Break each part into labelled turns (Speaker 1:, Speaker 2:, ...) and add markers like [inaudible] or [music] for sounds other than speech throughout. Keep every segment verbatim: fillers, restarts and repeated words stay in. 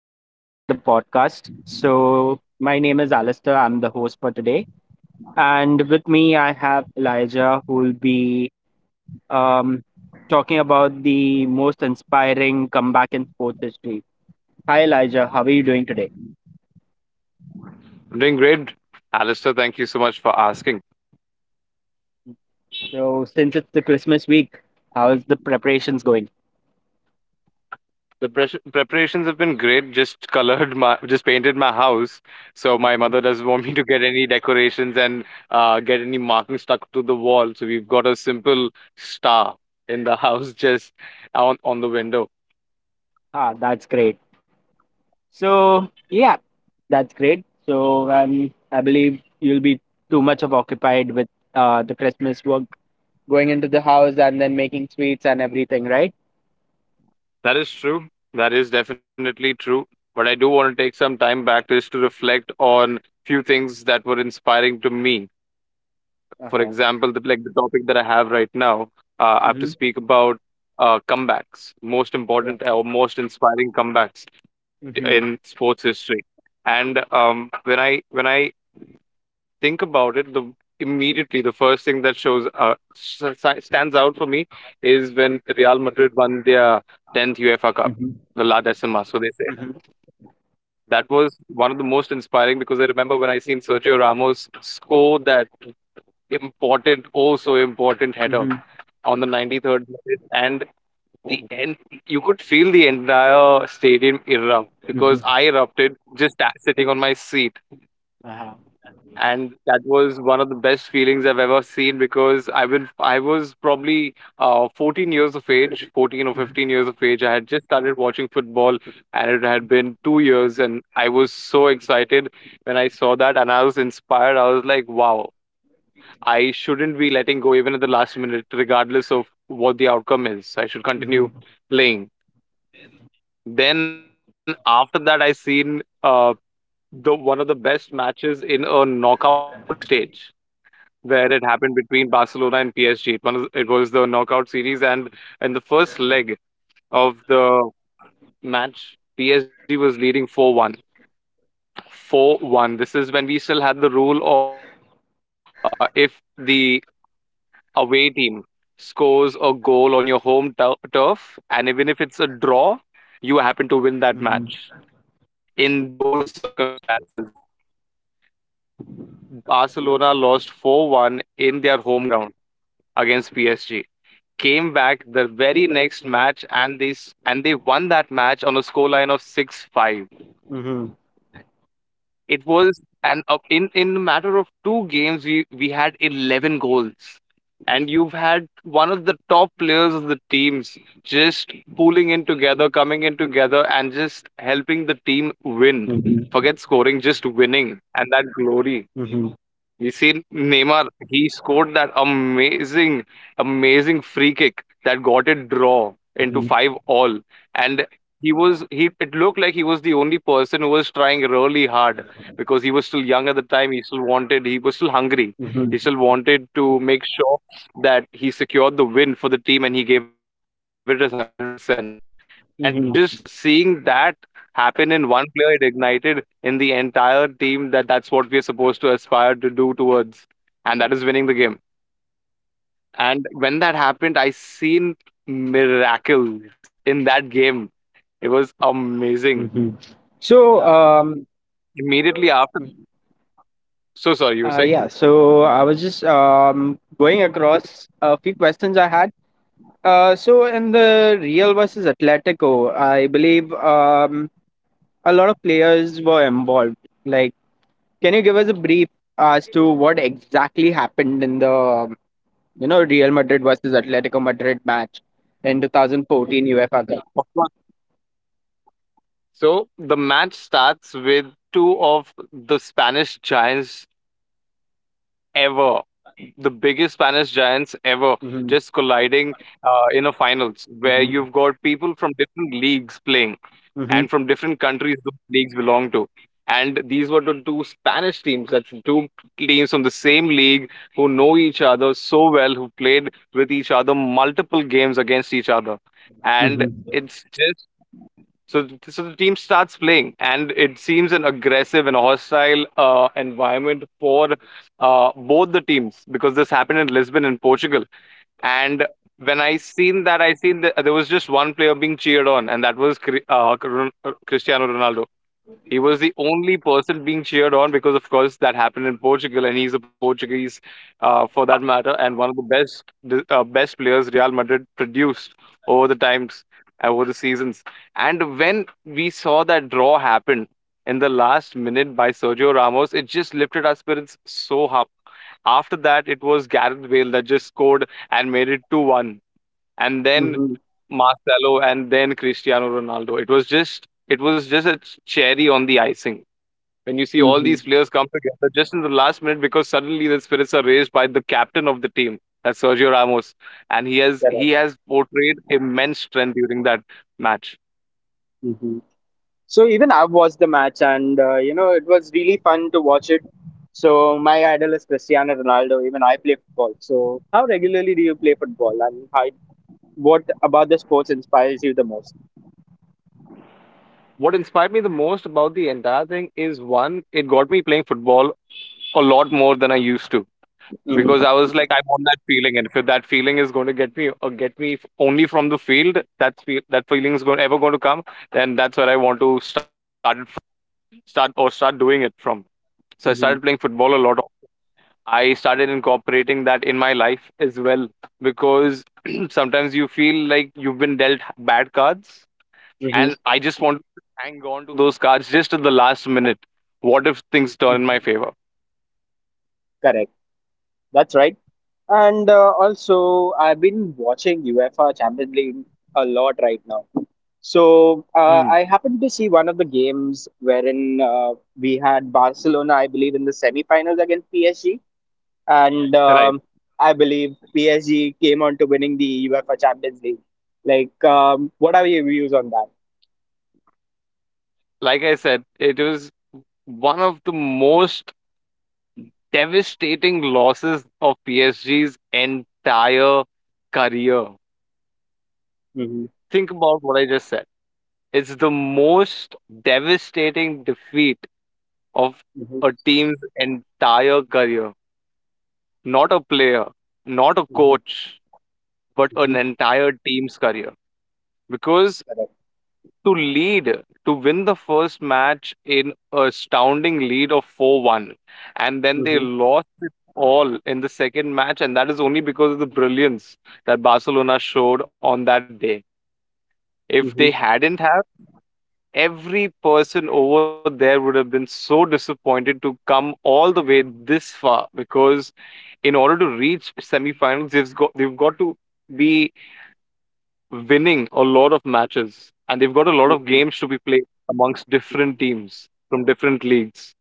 Speaker 1: and welcome to another podcast. So, my name is Alistair. I'm the host for today. And with me, I have Elijah, who will be um, talking about the most inspiring comeback in sports history. Hi, Elijah. How are you doing today?
Speaker 2: I'm doing great, Alistair. Thank you so much for asking.
Speaker 1: So, since it's the Christmas week, how is the preparations going?
Speaker 2: The pres- preparations have been great. Just colored my, just painted my house. So my
Speaker 1: Uh-huh.
Speaker 2: mother doesn't want me to get any decorations and uh, get any marking stuck to the wall. So we've got a simple star in the [laughs] house, just on on the window.
Speaker 1: Ah, that's great. So, yeah, that's great. So, um, I believe you'll be too much of occupied with uh, the Christmas work going into the house and then making sweets and everything, right?
Speaker 2: That is true. That is definitely true. But I do want to take some time back to just to reflect on few things that were inspiring to me, for
Speaker 1: Uh-huh.
Speaker 2: example, the, like the topic that I have right now. uh, I have to
Speaker 1: Mm-hmm.
Speaker 2: speak about uh, comebacks, most
Speaker 1: Yeah.
Speaker 2: important or most inspiring comebacks in
Speaker 1: Mm-hmm.
Speaker 2: sports history. And um, when I when I think about it, the immediately the first thing that shows uh, s- s- stands out for me is when Real Madrid won their tenth UEFA Cup,
Speaker 1: Mm-hmm.
Speaker 2: the La Decima. So they say
Speaker 1: Mm-hmm.
Speaker 2: that was one of the most inspiring because I remember when I seen Sergio Ramos score that important, oh so important header
Speaker 1: Mm-hmm.
Speaker 2: on the ninety-third minute and the end, you could feel the entire stadium erupt because
Speaker 1: Mm-hmm.
Speaker 2: I erupted just a- sitting on my seat.
Speaker 1: Uh-huh. Mm-hmm.
Speaker 2: And that was one of the best feelings I've ever seen because i will I was probably uh, fourteen years of age, fourteen or fifteen years of age. I had just started watching football, and it had been two years, and I was so excited when I saw that. And I was inspired. I was like, wow, I shouldn't be letting go even at the last minute, regardless of what the outcome is. I should
Speaker 1: Mm-hmm.
Speaker 2: continue playing. Then after that, I seen uh, the one of the best matches in a knockout stage where it happened between Barcelona and P S G. It, one of it was the knockout series, and in the first leg of the match, P S G was leading four one, four one. This is when we still had the rule of, uh, if the away team scores a goal on your home tur turf, and even if it's a draw, you happen to win that
Speaker 1: Mm-hmm.
Speaker 2: match. In those circumstances, Barcelona lost four one in their home ground against P S G. Came back the very next match, and they s- and they won that match on a scoreline of six five.
Speaker 1: Mm-hmm.
Speaker 2: It was an up in in a matter of two games, we we had eleven goals. And you've had one of the top players of the teams just pulling in together, coming in together, and just helping the team win.
Speaker 1: Mm-hmm.
Speaker 2: Forget scoring, just winning and that glory.
Speaker 1: Mm-hmm.
Speaker 2: You see Neymar, he scored that amazing, amazing free kick that got it draw into five all. And he was he, it looked like he was the only person who was trying really hard because he was still young at the time. He still wanted, he was still hungry. He still wanted to make sure that he secured the win for the team, and he gave it his one hundred percent. And just
Speaker 1: Mm-hmm.
Speaker 2: seeing that happen in one player, it ignited in the entire team that that's what we're supposed to aspire to do towards, and that is winning the game. And when that happened, I seen miracles in that game. It was amazing.
Speaker 1: Mm-hmm. So, um,
Speaker 2: Immediately after, so sorry,
Speaker 1: uh,
Speaker 2: you were saying?
Speaker 1: yeah, so I was just um, going across a few questions I had. Uh, so, in the Real versus Atletico, I believe um, a lot of players were involved. Like, can you give us a brief as to what exactly happened in the, you know, Real Madrid versus Atletico Madrid match in twenty fourteen UEFA Cup?
Speaker 2: Of course. So the match starts with two of the Spanish giants Ever. The biggest Spanish giants ever
Speaker 1: Mhm,
Speaker 2: just colliding, uh, in a finals where
Speaker 1: mhm,
Speaker 2: you've got people from different leagues playing
Speaker 1: mhm,
Speaker 2: and from different countries those leagues belong to. And these were the two Spanish teams, that's two teams from the same league who know each other so well, who played with each other multiple games against each other. And
Speaker 1: mhm,
Speaker 2: it's just so, th- So the team starts playing, and it seems an aggressive and hostile uh, environment for uh, both the teams because this happened in Lisbon and Portugal. And when I seen that, I seen that there was just one player being cheered on, and that was Cri- uh, Cr- Cristiano Ronaldo. He was the only person being cheered on because, of course, that happened in Portugal, and he's a Portuguese, uh, for that matter, and one of the best uh, best players Real Madrid produced over the times, uh, over the seasons. And when we saw that draw happen in the last minute by Sergio Ramos, it just lifted our spirits so up. After that, it was Gareth Bale that just scored and made it two one, and then
Speaker 1: mhm,
Speaker 2: Marcelo, and then Cristiano Ronaldo. It was just it was just a cherry on the icing when you see all
Speaker 1: mhm.
Speaker 2: these players come together just in the last minute because suddenly the spirits are raised by the captain of the team, that's Sergio Ramos, and he has
Speaker 1: Correct.
Speaker 2: he has portrayed immense strength during that match.
Speaker 1: Mhm. So even I've watched the match, and uh, you know it was really fun to watch it. So my idol is Cristiano Ronaldo. Even I play football. So how regularly do you play football, and how, what about the sports inspires you the most?
Speaker 2: What inspired me the most about the entire thing is, one, it got me playing football a lot more than I used to because
Speaker 1: Mhm,
Speaker 2: I was like, I want that feeling, and if that feeling is going to get me or get me f- only from the field, that fe- that feeling is going ever going to come, then that's where I want to start it from, start or start doing it from. So I started
Speaker 1: mhm,
Speaker 2: playing football a lot. I started incorporating that in my life as well because [clears throat] sometimes you feel like you've been dealt bad cards,
Speaker 1: mhm.
Speaker 2: and I just want to hang on to those cards just at the last minute. What if things turn in my favor?
Speaker 1: Correct. That's right. And uh, also, I've been watching UEFA Champions League a lot right now. So uh,
Speaker 2: Hmm.
Speaker 1: I happened to see one of the games wherein uh, we had Barcelona, I believe, in the semi-finals against P S G, and
Speaker 2: Right.
Speaker 1: um, I believe P S G came on to winning the UEFA Champions League. Like, um, what are your views on that?
Speaker 2: Like I said, it was one of the most devastating losses of P S G's entire career.
Speaker 1: Mm-hmm.
Speaker 2: Think about what I just said. It's the most devastating defeat of
Speaker 1: Mm-hmm.
Speaker 2: a team's entire career. Not a player, not a
Speaker 1: Mm-hmm.
Speaker 2: coach, but an
Speaker 1: Mm-hmm.
Speaker 2: entire team's career. Because
Speaker 1: Correct.
Speaker 2: to lead, to win the first match in a astounding lead of four one, and then they
Speaker 1: Mm-hmm.
Speaker 2: lost it all in the second match, and that is only because of the brilliance that Barcelona showed on that day. If they
Speaker 1: Mm-hmm.
Speaker 2: hadn't have, every person over there would have been so disappointed to come all the way this far because in order to reach semifinals, they've got they've got to be winning a lot of matches, and they've got a lot of
Speaker 1: Mm-hmm.
Speaker 2: games to be played amongst different
Speaker 1: Mm-hmm.
Speaker 2: teams from different leagues.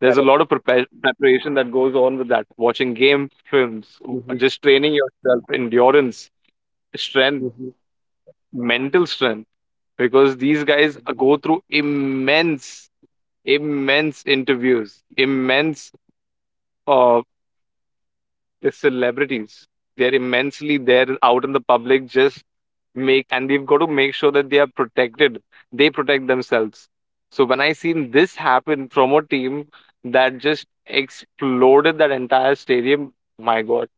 Speaker 2: There's a
Speaker 1: Correct.
Speaker 2: lot of prepa- preparation that goes on with that. Watching game films, w-
Speaker 1: Mm-hmm.
Speaker 2: just training yourself, endurance, strength, mental strength, because these guys uh, go through immense, immense interviews, immense uh, celebrities. They're immensely there out in the public, just make and they've got to make sure that they are protected, they protect themselves. So when I seen this happen from a team that just exploded that entire stadium, my god,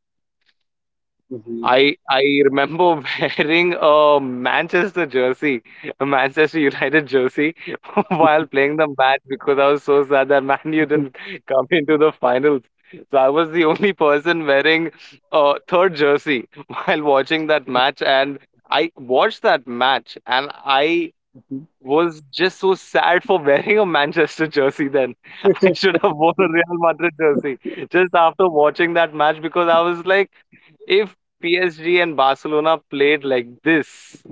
Speaker 1: Mm-hmm.
Speaker 2: I I remember [laughs] wearing a Manchester jersey, a Manchester United jersey [laughs] while playing the match because I was so sad that [laughs] Man U
Speaker 1: Mm-hmm.
Speaker 2: didn't come [laughs] into the finals. So I was the only person wearing a third jersey [laughs] while watching that match, and I watched that match, and I was just so sad for [laughs] wearing a Manchester jersey then. [laughs] I should have worn a Real Madrid jersey just after watching that match because I was like, if P S G and Barcelona played like this,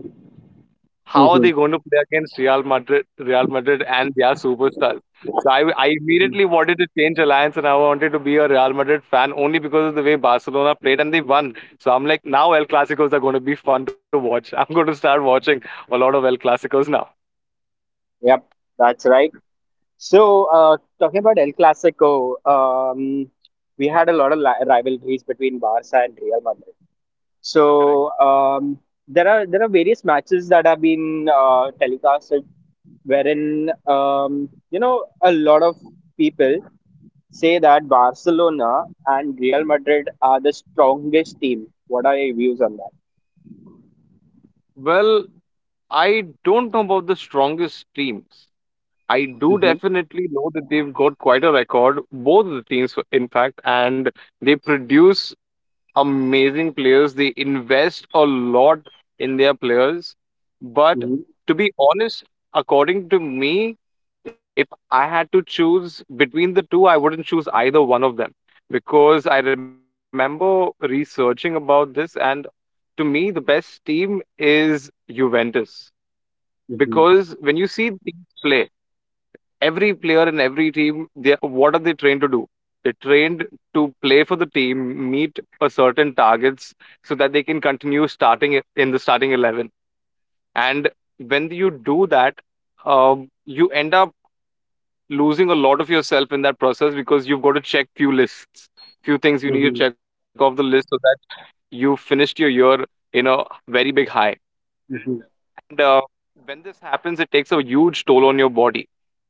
Speaker 2: how are they
Speaker 1: [laughs]
Speaker 2: going to play against Real Madrid, Real Madrid and their superstars? So I, I
Speaker 1: Mm-hmm.
Speaker 2: immediately wanted to change alliance, and I wanted to be a Real Madrid fan only because of the way Barcelona played and they won. So I'm like, now El Clasicos are going to be fun to watch. [laughs] I'm going to start watching a lot of El Clasicos now.
Speaker 1: Yep, that's right. So, uh, talking about El Clasico, um, we had a lot of li- rivalries between Barca and Real Madrid.
Speaker 2: Correct.
Speaker 1: So, um, there are there are various matches that have been uh, telecasted, wherein um, you know a lot of people say that Barcelona and Real Madrid are the strongest team. What are your views on that?
Speaker 2: Well, I don't know about the strongest teams. I do
Speaker 1: Mm-hmm,
Speaker 2: definitely know that they've got quite a record, both of the teams, in fact, and they produce amazing players. They invest a lot in their players. But
Speaker 1: mm-hmm,
Speaker 2: to be honest, according to me, if I had to choose between the two, I wouldn't choose either one of them because I remember researching about this, and to me, the best team is Juventus. Because when you see teams play, every player in every team, they, what are they trained to do? They're trained to play for the team, meet a certain targets so that they can continue starting i- in the starting eleven. And when you do that, um, you end up losing a lot of yourself in that process because you've got to check few lists, few things you need to
Speaker 1: mm-hmm,
Speaker 2: check off the list so that you finished your year in a very big high.
Speaker 1: mm-hmm.
Speaker 2: And uh, when this happens, it takes a huge toll on your body.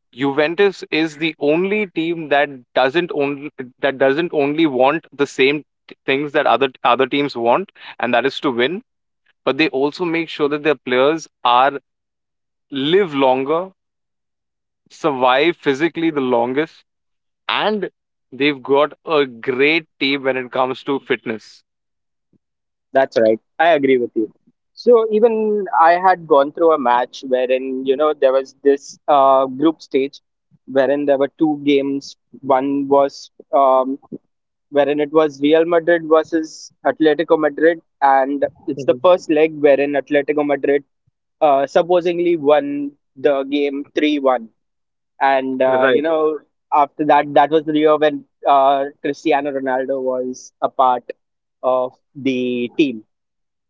Speaker 2: Juventus is the only team that doesn't only that doesn't only want the same t- things that other other teams want, and that is to win, but they also make sure that their players are live longer, survive physically the longest, and they've got a great team when it comes to fitness.
Speaker 1: That's right. I agree with you. So even I had gone through a match wherein you know there was this uh, group stage wherein there were two games. One was um, wherein it was Real Madrid versus Atletico Madrid, and it's the first
Speaker 2: Mhm.
Speaker 1: leg wherein Atletico Madrid uh, supposedly won the game three one, and uh, you
Speaker 2: Right,
Speaker 1: know after that that was the year when uh, Cristiano Ronaldo was a part of the team,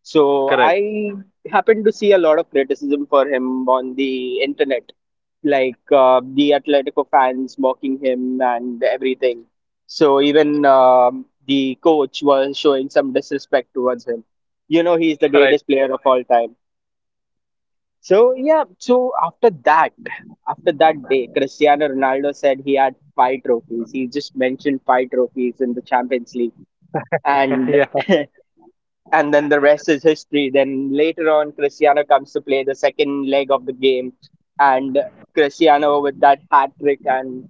Speaker 1: so
Speaker 2: correct.
Speaker 1: I happened to see a lot of criticism for him on the internet, like uh, the Atletico fans mocking him and everything. So even um the coach was showing some disrespect towards him. You know, he's the greatest
Speaker 2: Right.
Speaker 1: player of all time. So yeah, so after that, after that day, Cristiano Ronaldo said he had five trophies. He just mentioned five trophies in the Champions League, and
Speaker 2: [laughs] Yeah.
Speaker 1: [laughs] and then the rest is history. Then later on, Cristiano comes to play the second leg of the game, and Cristiano with that hat trick and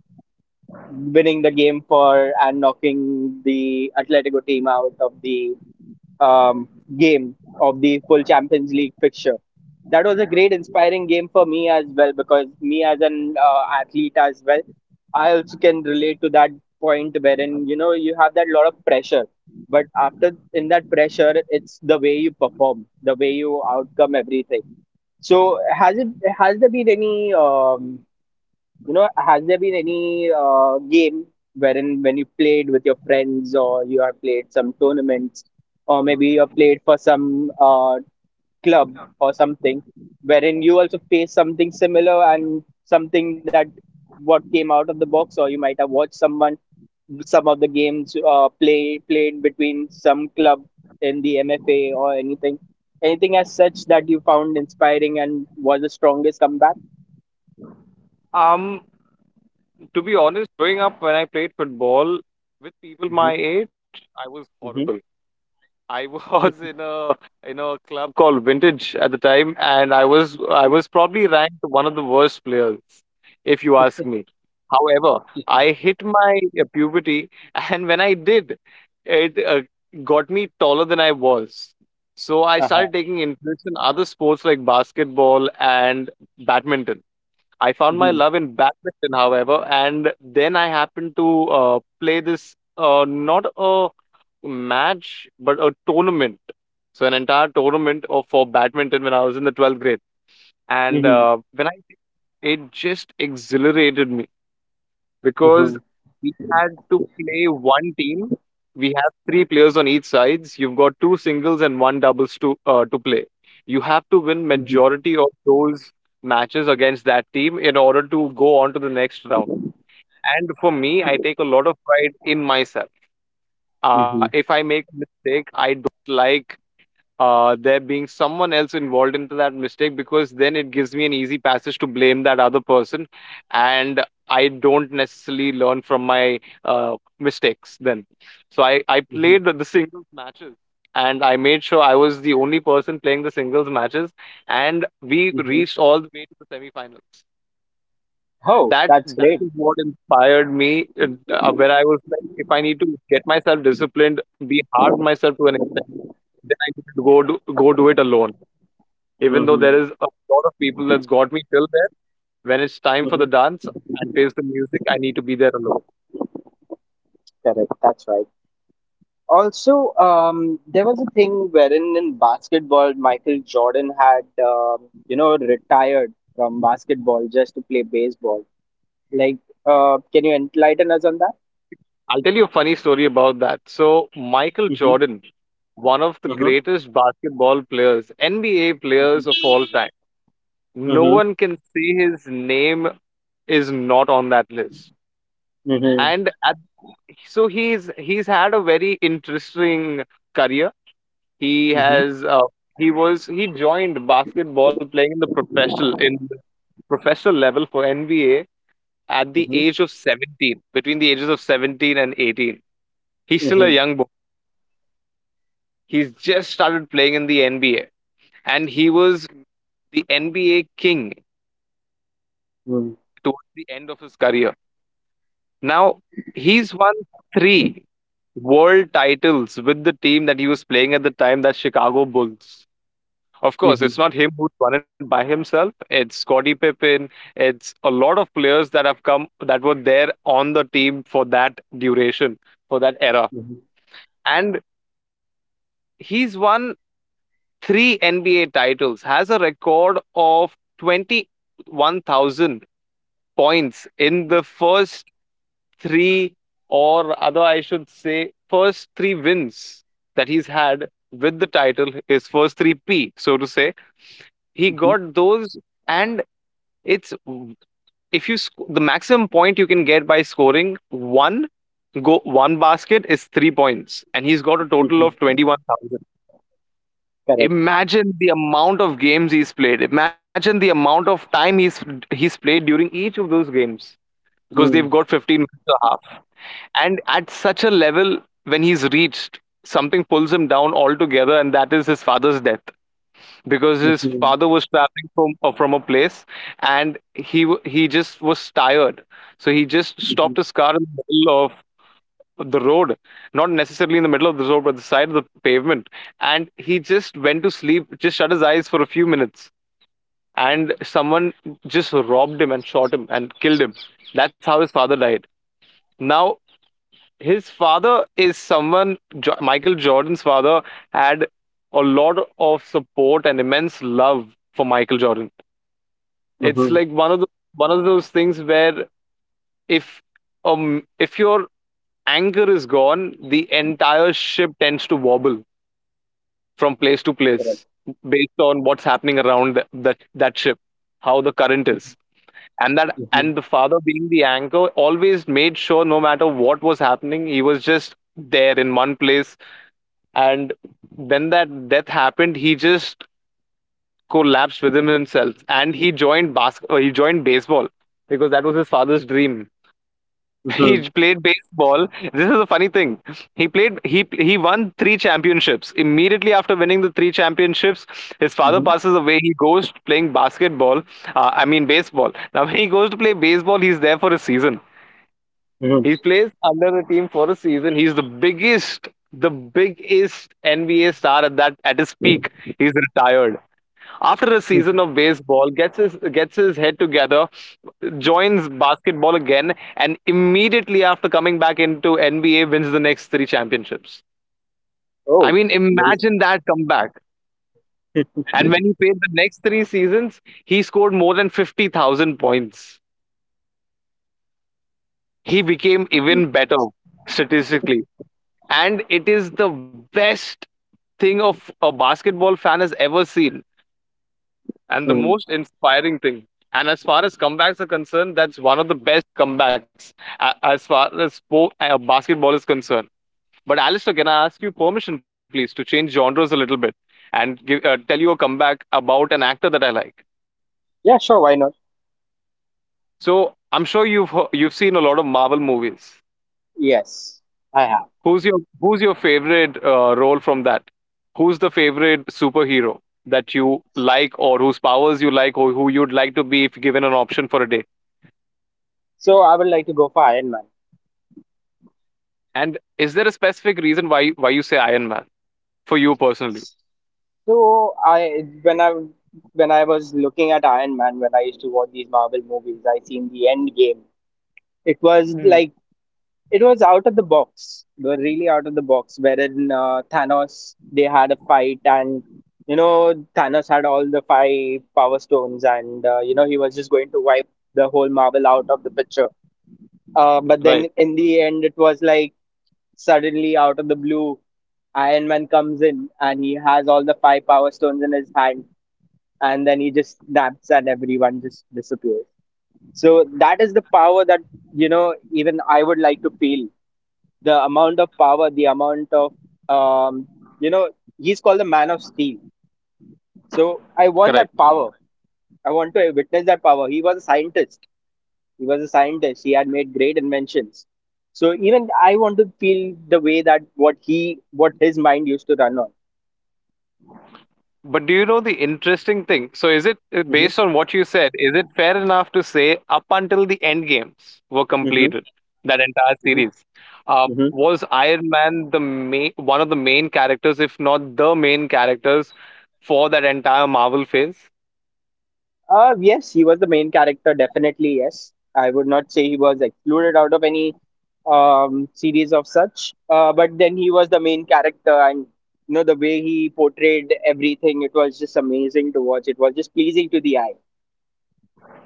Speaker 1: winning the game for and knocking the Atletico team out of the um, game of the full Champions League fixture. That was a great inspiring game for me as well, because me as an uh, athlete as well, I also can relate to that point wherein you know you have that lot of pressure, but after in that pressure it's the way you perform, the way you outcome everything. So has it has there been any um, you know has there been any uh, game wherein when you played with your friends, or you have played some tournaments, or maybe you have played for some uh, club or something, wherein you also face something similar and something that what came out of the box? Or you might have watched someone, some of the games, uh, play played between some club in the M F A or anything, anything as such that you found inspiring and was the strongest comeback?
Speaker 2: Um, to be honest, growing up when I played football with people
Speaker 1: Hmm.
Speaker 2: my age, I was horrible.
Speaker 1: Hmm.
Speaker 2: I was [laughs] in
Speaker 1: [laughs]
Speaker 2: a in a club called Vintage at the time, and I was I was probably ranked one of the worst players, if you ask me. However, I hit my uh, puberty, [laughs] and when I did, it uh, got me taller than I was. So I
Speaker 1: Uh-huh.
Speaker 2: started taking interest in other sports like basketball and badminton. I found my
Speaker 1: Hmm.
Speaker 2: love in badminton, however, and then I happened to uh, play this uh, not a match but a tournament. So an entire tournament of for badminton when I was in the twelfth grade, and
Speaker 1: Hmm.
Speaker 2: uh, when I it just exhilarated me because
Speaker 1: Hmm.
Speaker 2: we had to play one team. We have three players on each sides. You've got two singles and one doubles to uh, to play. You have to win
Speaker 1: Hmm.
Speaker 2: majority of those matches against that team in order to go on to the next round. And for me, I take a lot of pride in myself.
Speaker 1: Hmm.
Speaker 2: Uh,
Speaker 1: Hmm.
Speaker 2: if I make a mistake, I don't like uh, there being someone else involved into that mistake because then it gives me an easy passage to blame that other person, and I don't necessarily learn from my uh, mistakes then. So i i played the the singles matches, and I made sure I was the only person playing the singles matches, and we
Speaker 1: Hmm.
Speaker 2: reached all the way to the semifinals.
Speaker 1: Oh,
Speaker 2: that
Speaker 1: that's
Speaker 2: that
Speaker 1: great.
Speaker 2: is what inspired me, uh, uh, where I was like, if I need to get myself disciplined, be hard on myself to an extent, then I need to go do, go do, it alone. Even though there
Speaker 1: Hmm.
Speaker 2: is a lot of people that's got me till there, when it's time for the
Speaker 1: Hmm.
Speaker 2: dance and face the music, I need to be there alone.
Speaker 1: Correct. That's right. Also, um, there was a thing wherein in basketball, Michael Jordan had, um, you know, retired from basketball just to play baseball. Like, uh, can you enlighten us on that?
Speaker 2: I'll tell you a funny story about that. So Michael
Speaker 1: Mm-hmm.
Speaker 2: Jordan, one of the
Speaker 1: Mm-hmm.
Speaker 2: greatest basketball players, N B A players of all time. No
Speaker 1: Mm-hmm.
Speaker 2: one can say his name is not on that list.
Speaker 1: Mm-hmm.
Speaker 2: And at, so he's he's had a very interesting career. He
Speaker 1: Mm-hmm.
Speaker 2: has uh, he was he joined basketball playing in the professional in the professional level for N B A at the
Speaker 1: Mm-hmm.
Speaker 2: age of seventeen, between the ages of seventeen and eighteen. He's still a
Speaker 1: Mm-hmm.
Speaker 2: young boy. He's just started playing in the N B A, and he was the N B A king
Speaker 1: Mm-hmm.
Speaker 2: towards the end of his career. Now he's won three world titles with the team that he was playing at the time, that Chicago Bulls. Of course, it's not him who's won it by himself. It's Scottie Pippen. It's a lot of players that have come that were there on the team for that duration, for that era.
Speaker 1: Mm-hmm.
Speaker 2: And he's won three N B A titles, has a record of twenty-one thousand points in the first three, or other, I should say, first three wins that he's had with the title, his first three P, so to say, he
Speaker 1: Mm-hmm.
Speaker 2: got those. And it's if you sc- the maximum point you can get by scoring one go one basket is three points, and he's got a total of
Speaker 1: Mm-hmm.
Speaker 2: twenty one thousand.
Speaker 1: Correct.
Speaker 2: Imagine the amount of games he's played. Imagine the amount of time he's he's played during each of those games because they've
Speaker 1: Mm.
Speaker 2: got fifteen minutes or half. And at such a level when he's reached, something pulls him down altogether, and that is his father's death, because his
Speaker 1: Mm-hmm.
Speaker 2: father was traveling from uh, from a place, and he w- he just was tired, so he just
Speaker 1: Mm-hmm.
Speaker 2: stopped his car in the middle of the road, not necessarily in the middle of the road but the side of the pavement, and he just went to sleep, just shut his eyes for a few minutes, and someone just robbed him and shot him and killed him. That's how his father died. Now, his father is someone, jo- Michael Jordan's father, had a lot of support and immense love for Michael Jordan. It's
Speaker 1: Mm-hmm.
Speaker 2: like one of the, one of those things where, if um if your anchor is gone, the entire ship tends to wobble from place to
Speaker 1: Correct.
Speaker 2: place based on what's happening around that that, that ship, how the current
Speaker 1: Mm-hmm.
Speaker 2: is. And that
Speaker 1: Mm-hmm.
Speaker 2: and the father being the anchor always made sure no matter what was happening, he was just there in one place. And when that death happened, he just collapsed within himself, and he joined bas- uh, he joined baseball because that was his father's dream. [laughs]
Speaker 1: Mm-hmm.
Speaker 2: He played baseball. This is a funny thing. he played he he won three championships. Immediately after winning the three championships, his father passes away. He goes playing basketball, uh, I mean baseball. Now when he goes to play baseball, he's there for a season. He
Speaker 1: Mm-hmm.
Speaker 2: plays under the team for a season. He's the biggest, the biggest N B A star at that at his peak. He's retired after a
Speaker 1: Mm-hmm.
Speaker 2: season of baseball. Gets his gets his head together, joins basketball again, and immediately after coming back into N B A, wins the next three championships. I
Speaker 1: Oh,
Speaker 2: mean,
Speaker 1: amazing.
Speaker 2: imagine that comeback. And when he played the next three seasons, he scored more than fifty thousand points. He became even better statistically. And it is the best thing of a basketball fan has ever seen, and the
Speaker 1: Mm-hmm.
Speaker 2: most inspiring thing. And as far as comebacks are concerned, that's one of the best comebacks a- as far as spo- uh, basketball is concerned. But Alistair, can I ask you permission, please, to change genres a little bit and give, uh, tell you a comeback about an actor that I like?
Speaker 1: Yeah, sure. Why not?
Speaker 2: So I'm sure you've he- you've seen a lot of Marvel movies.
Speaker 1: Yes, I have.
Speaker 2: Who's your Who's your favorite uh, role from that? Who's the favorite superhero that you like, or whose powers you like, or who you'd like to be if given an option for a day?
Speaker 1: So I would like to go for Iron Man.
Speaker 2: And is there a specific reason why why you say Iron Man for you personally?
Speaker 1: So I when I when I was looking at Iron Man when I used to watch these Marvel movies, I seen the End Game. It was like
Speaker 2: Mm.
Speaker 1: it was out of the box. They were really out of the box. Wherein uh, Thanos they had a fight and you know Thanos had all the five power stones and uh, you know he was just going to wipe the whole Marvel out of the picture. Uh, but then
Speaker 2: Right.
Speaker 1: in the end, it was like suddenly out of the blue Iron Man comes in and he has all the five power stones in his hand, and then he just snaps and everyone just disappears. So that is the power that you know even I would like to feel. The amount of power, the amount of um, you know, he's called the Man of Steel. So I want that
Speaker 2: Correct.
Speaker 1: power. I want to witness that power. He was a scientist. He was a scientist. He had made great inventions. So even I want to feel the way that what he, what his mind used to run on.
Speaker 2: But do you know the interesting thing? So, is it uh,
Speaker 1: Hmm.
Speaker 2: based on what you said, is it fair enough to say up until the end games were
Speaker 1: Hmm.
Speaker 2: completed, that entire series, uh,
Speaker 1: Hmm.
Speaker 2: was Iron Man the main, one of the main characters, if not the main characters, for that entire Marvel phase?
Speaker 1: Uh, yes, he was the main character, definitely. Yes, I would not say he was excluded out of any um, series of such, uh, but then he was the main character, and you know, the way he portrayed everything, it was just amazing to watch. It was just pleasing to the eye.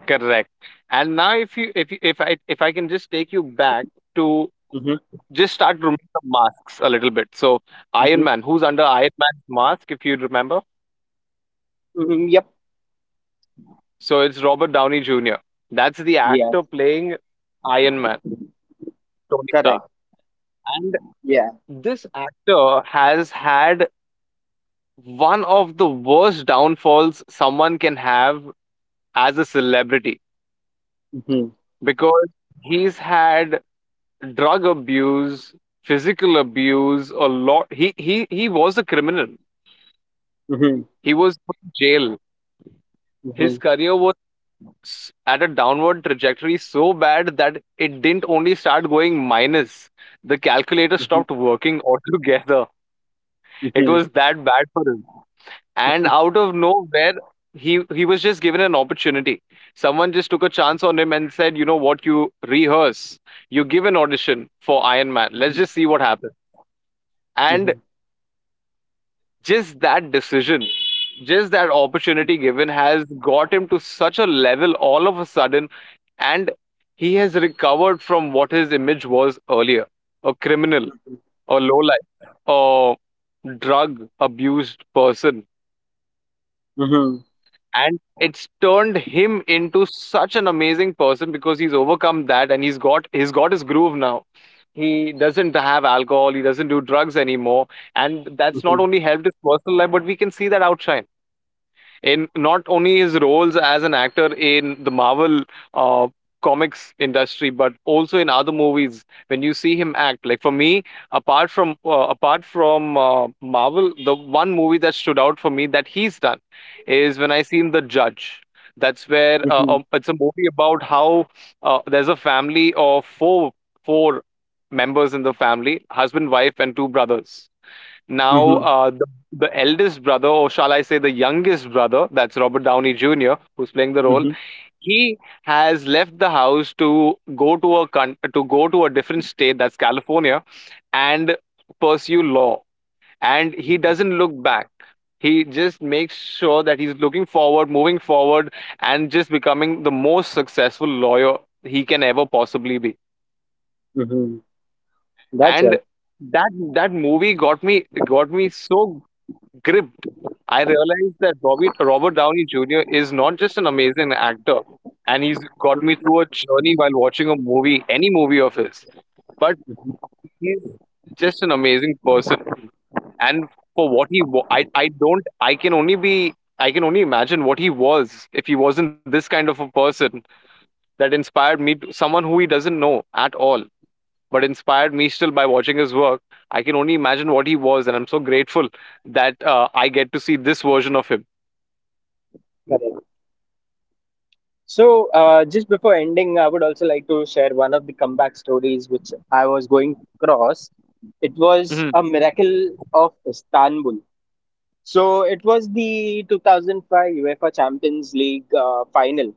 Speaker 2: Correct. And now, if you if you, if I if I can just take you back to
Speaker 1: Mm-hmm.
Speaker 2: just start removing the masks a little bit. So, Iron
Speaker 1: Mm-hmm.
Speaker 2: Man, who's under Iron Man's mask, if you remember?
Speaker 1: Hmm. Yep.
Speaker 2: So it's Robert Downey Junior That's the
Speaker 1: Yeah.
Speaker 2: actor playing Iron Man, Tony
Speaker 1: Correct.
Speaker 2: Stark. And
Speaker 1: Yeah.
Speaker 2: this actor has had one of the worst downfalls someone can have as a celebrity,
Speaker 1: Mm-hmm.
Speaker 2: because he's had drug abuse, physical abuse, a lot. He he he was a criminal.
Speaker 1: Mm-hmm.
Speaker 2: He was put in jail.
Speaker 1: Mm-hmm.
Speaker 2: His career was s- at a downward trajectory so bad that it didn't only start going minus. The calculator
Speaker 1: Mm-hmm.
Speaker 2: stopped working [laughs] altogether. It
Speaker 1: Mm-hmm.
Speaker 2: was that bad for him. And out of nowhere, he he was just given an opportunity. Someone just took a chance on him and said, "You know what? You rehearse. You give an audition for Iron Man. Let's just
Speaker 1: Mm-hmm.
Speaker 2: see what happens." And
Speaker 1: Mm-hmm.
Speaker 2: just that decision, just that opportunity given, has got him to such a level all of a sudden, and he has recovered from what his image was earlier: a criminal, a lowlife, a drug abused person.
Speaker 1: Mm-hmm.
Speaker 2: And it's turned him into such an amazing person because he's overcome that, and he's got he's got his groove now. He doesn't have alcohol, he doesn't do drugs anymore. And that's
Speaker 1: Mm-hmm.
Speaker 2: not
Speaker 1: Hmm.
Speaker 2: only helped his personal life, but we can see that outshine in not only his roles as an actor in the Marvel uh, comics industry, but also in other movies. When you see him act, like for me, apart from uh, apart from uh, Marvel, the one movie that stood out for me that he's done is when I seen The Judge. That's where
Speaker 1: Hmm.
Speaker 2: uh,
Speaker 1: Mhm,
Speaker 2: um, it's a movie about how uh, there's a family of four, four members in the family, husband, wife, and two brothers.
Speaker 1: mhm,
Speaker 2: Now,
Speaker 1: mhm,
Speaker 2: uh, the, the eldest brother, or shall I say the youngest brother, that's Robert Downey Junior, who's playing the
Speaker 1: mhm,
Speaker 2: role,
Speaker 1: mhm,
Speaker 2: he has left the house to go to a con- to go to a different state, that's California, and pursue law. And he doesn't look back. He just makes sure that he's looking forward, moving forward, and just becoming the most successful lawyer he can ever possibly be.
Speaker 1: mhm. That's
Speaker 2: And
Speaker 1: right.
Speaker 2: that that movie got me got me so gripped. I realized that Robert, Robert Downey Junior is not just an amazing actor, and he's got me
Speaker 1: Mhm.
Speaker 2: through a journey while watching a movie, any movie of his, but
Speaker 1: Mhm.
Speaker 2: he's just an amazing person. And for what he, wa- I, I don't, I can only be, I can only imagine what he was if he wasn't this kind of a person that inspired me, to, someone who he doesn't know at all, but inspired me still by watching his work. I can only imagine what he was, and I'm so grateful that uh, I get to see this version of him.
Speaker 1: Correct. So, uh, just before ending, I would also like to share one of the comeback stories which I was going across. It was a
Speaker 2: Mhm.
Speaker 1: miracle of Istanbul. So, it was the two thousand five UEFA Champions League uh, final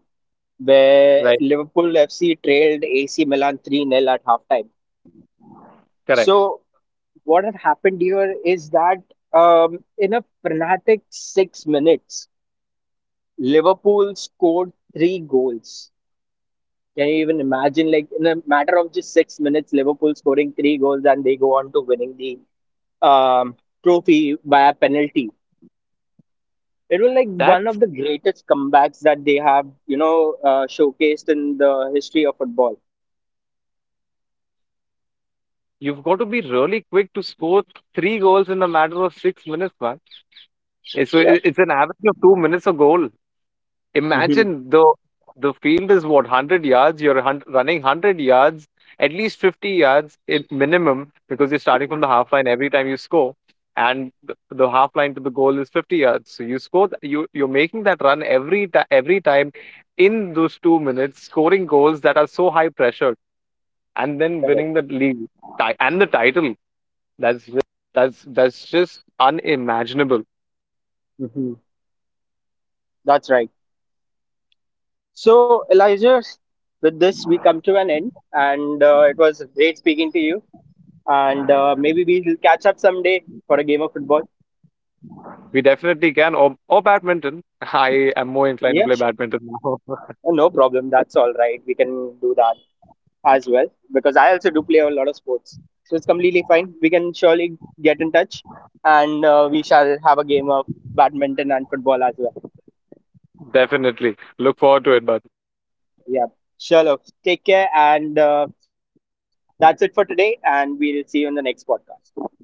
Speaker 1: where Liverpool F C trailed A C Milan three nil at halftime.
Speaker 2: Correct.
Speaker 1: So, what had happened here is that um, in a frenetic six minutes, Liverpool scored three goals. Can you even imagine, like in a matter of just six minutes, Liverpool scoring three goals and they go on to winning the um, trophy by a penalty? It was like one
Speaker 2: That's,
Speaker 1: of the greatest comebacks that they have, you know, uh, showcased in the history of football.
Speaker 2: you've got to be really quick to score three goals in a matter of six minutes, man. Eh, So
Speaker 1: Yeah.
Speaker 2: it- it's an average of two minutes a goal.
Speaker 1: Mm-hmm.
Speaker 2: Imagine the the field is what one hundred yards. You're hun- running one hundred yards, at least fifty yards at minimum, because you're starting from the half line every time you score, and the, the half line to the goal is fifty yards. So you score. th- You you're making that run every ti every time in those two minutes, scoring goals that are so high pressure, and then
Speaker 1: Correct.
Speaker 2: winning the league, ti- and the title. That's ju- that's that's just unimaginable.
Speaker 1: Mm-hmm. That's right. So, Elijah, with this, we come to an end, and uh, it was great speaking to you. And uh, maybe we'll catch up someday for a game of football.
Speaker 2: We definitely can, or, or badminton. [laughs] I am more inclined to play
Speaker 1: Yeah, sure.
Speaker 2: badminton now. [laughs]
Speaker 1: No problem. That's all right. We can do that as well, because I also do play a lot of sports. So it's completely fine. We can surely get in touch and uh, we shall have a game of badminton and football as well.
Speaker 2: Definitely look forward to it, but
Speaker 1: Yeah. Sure. Love. Take care. And uh, that's it for today. And we'll see you in the next podcast.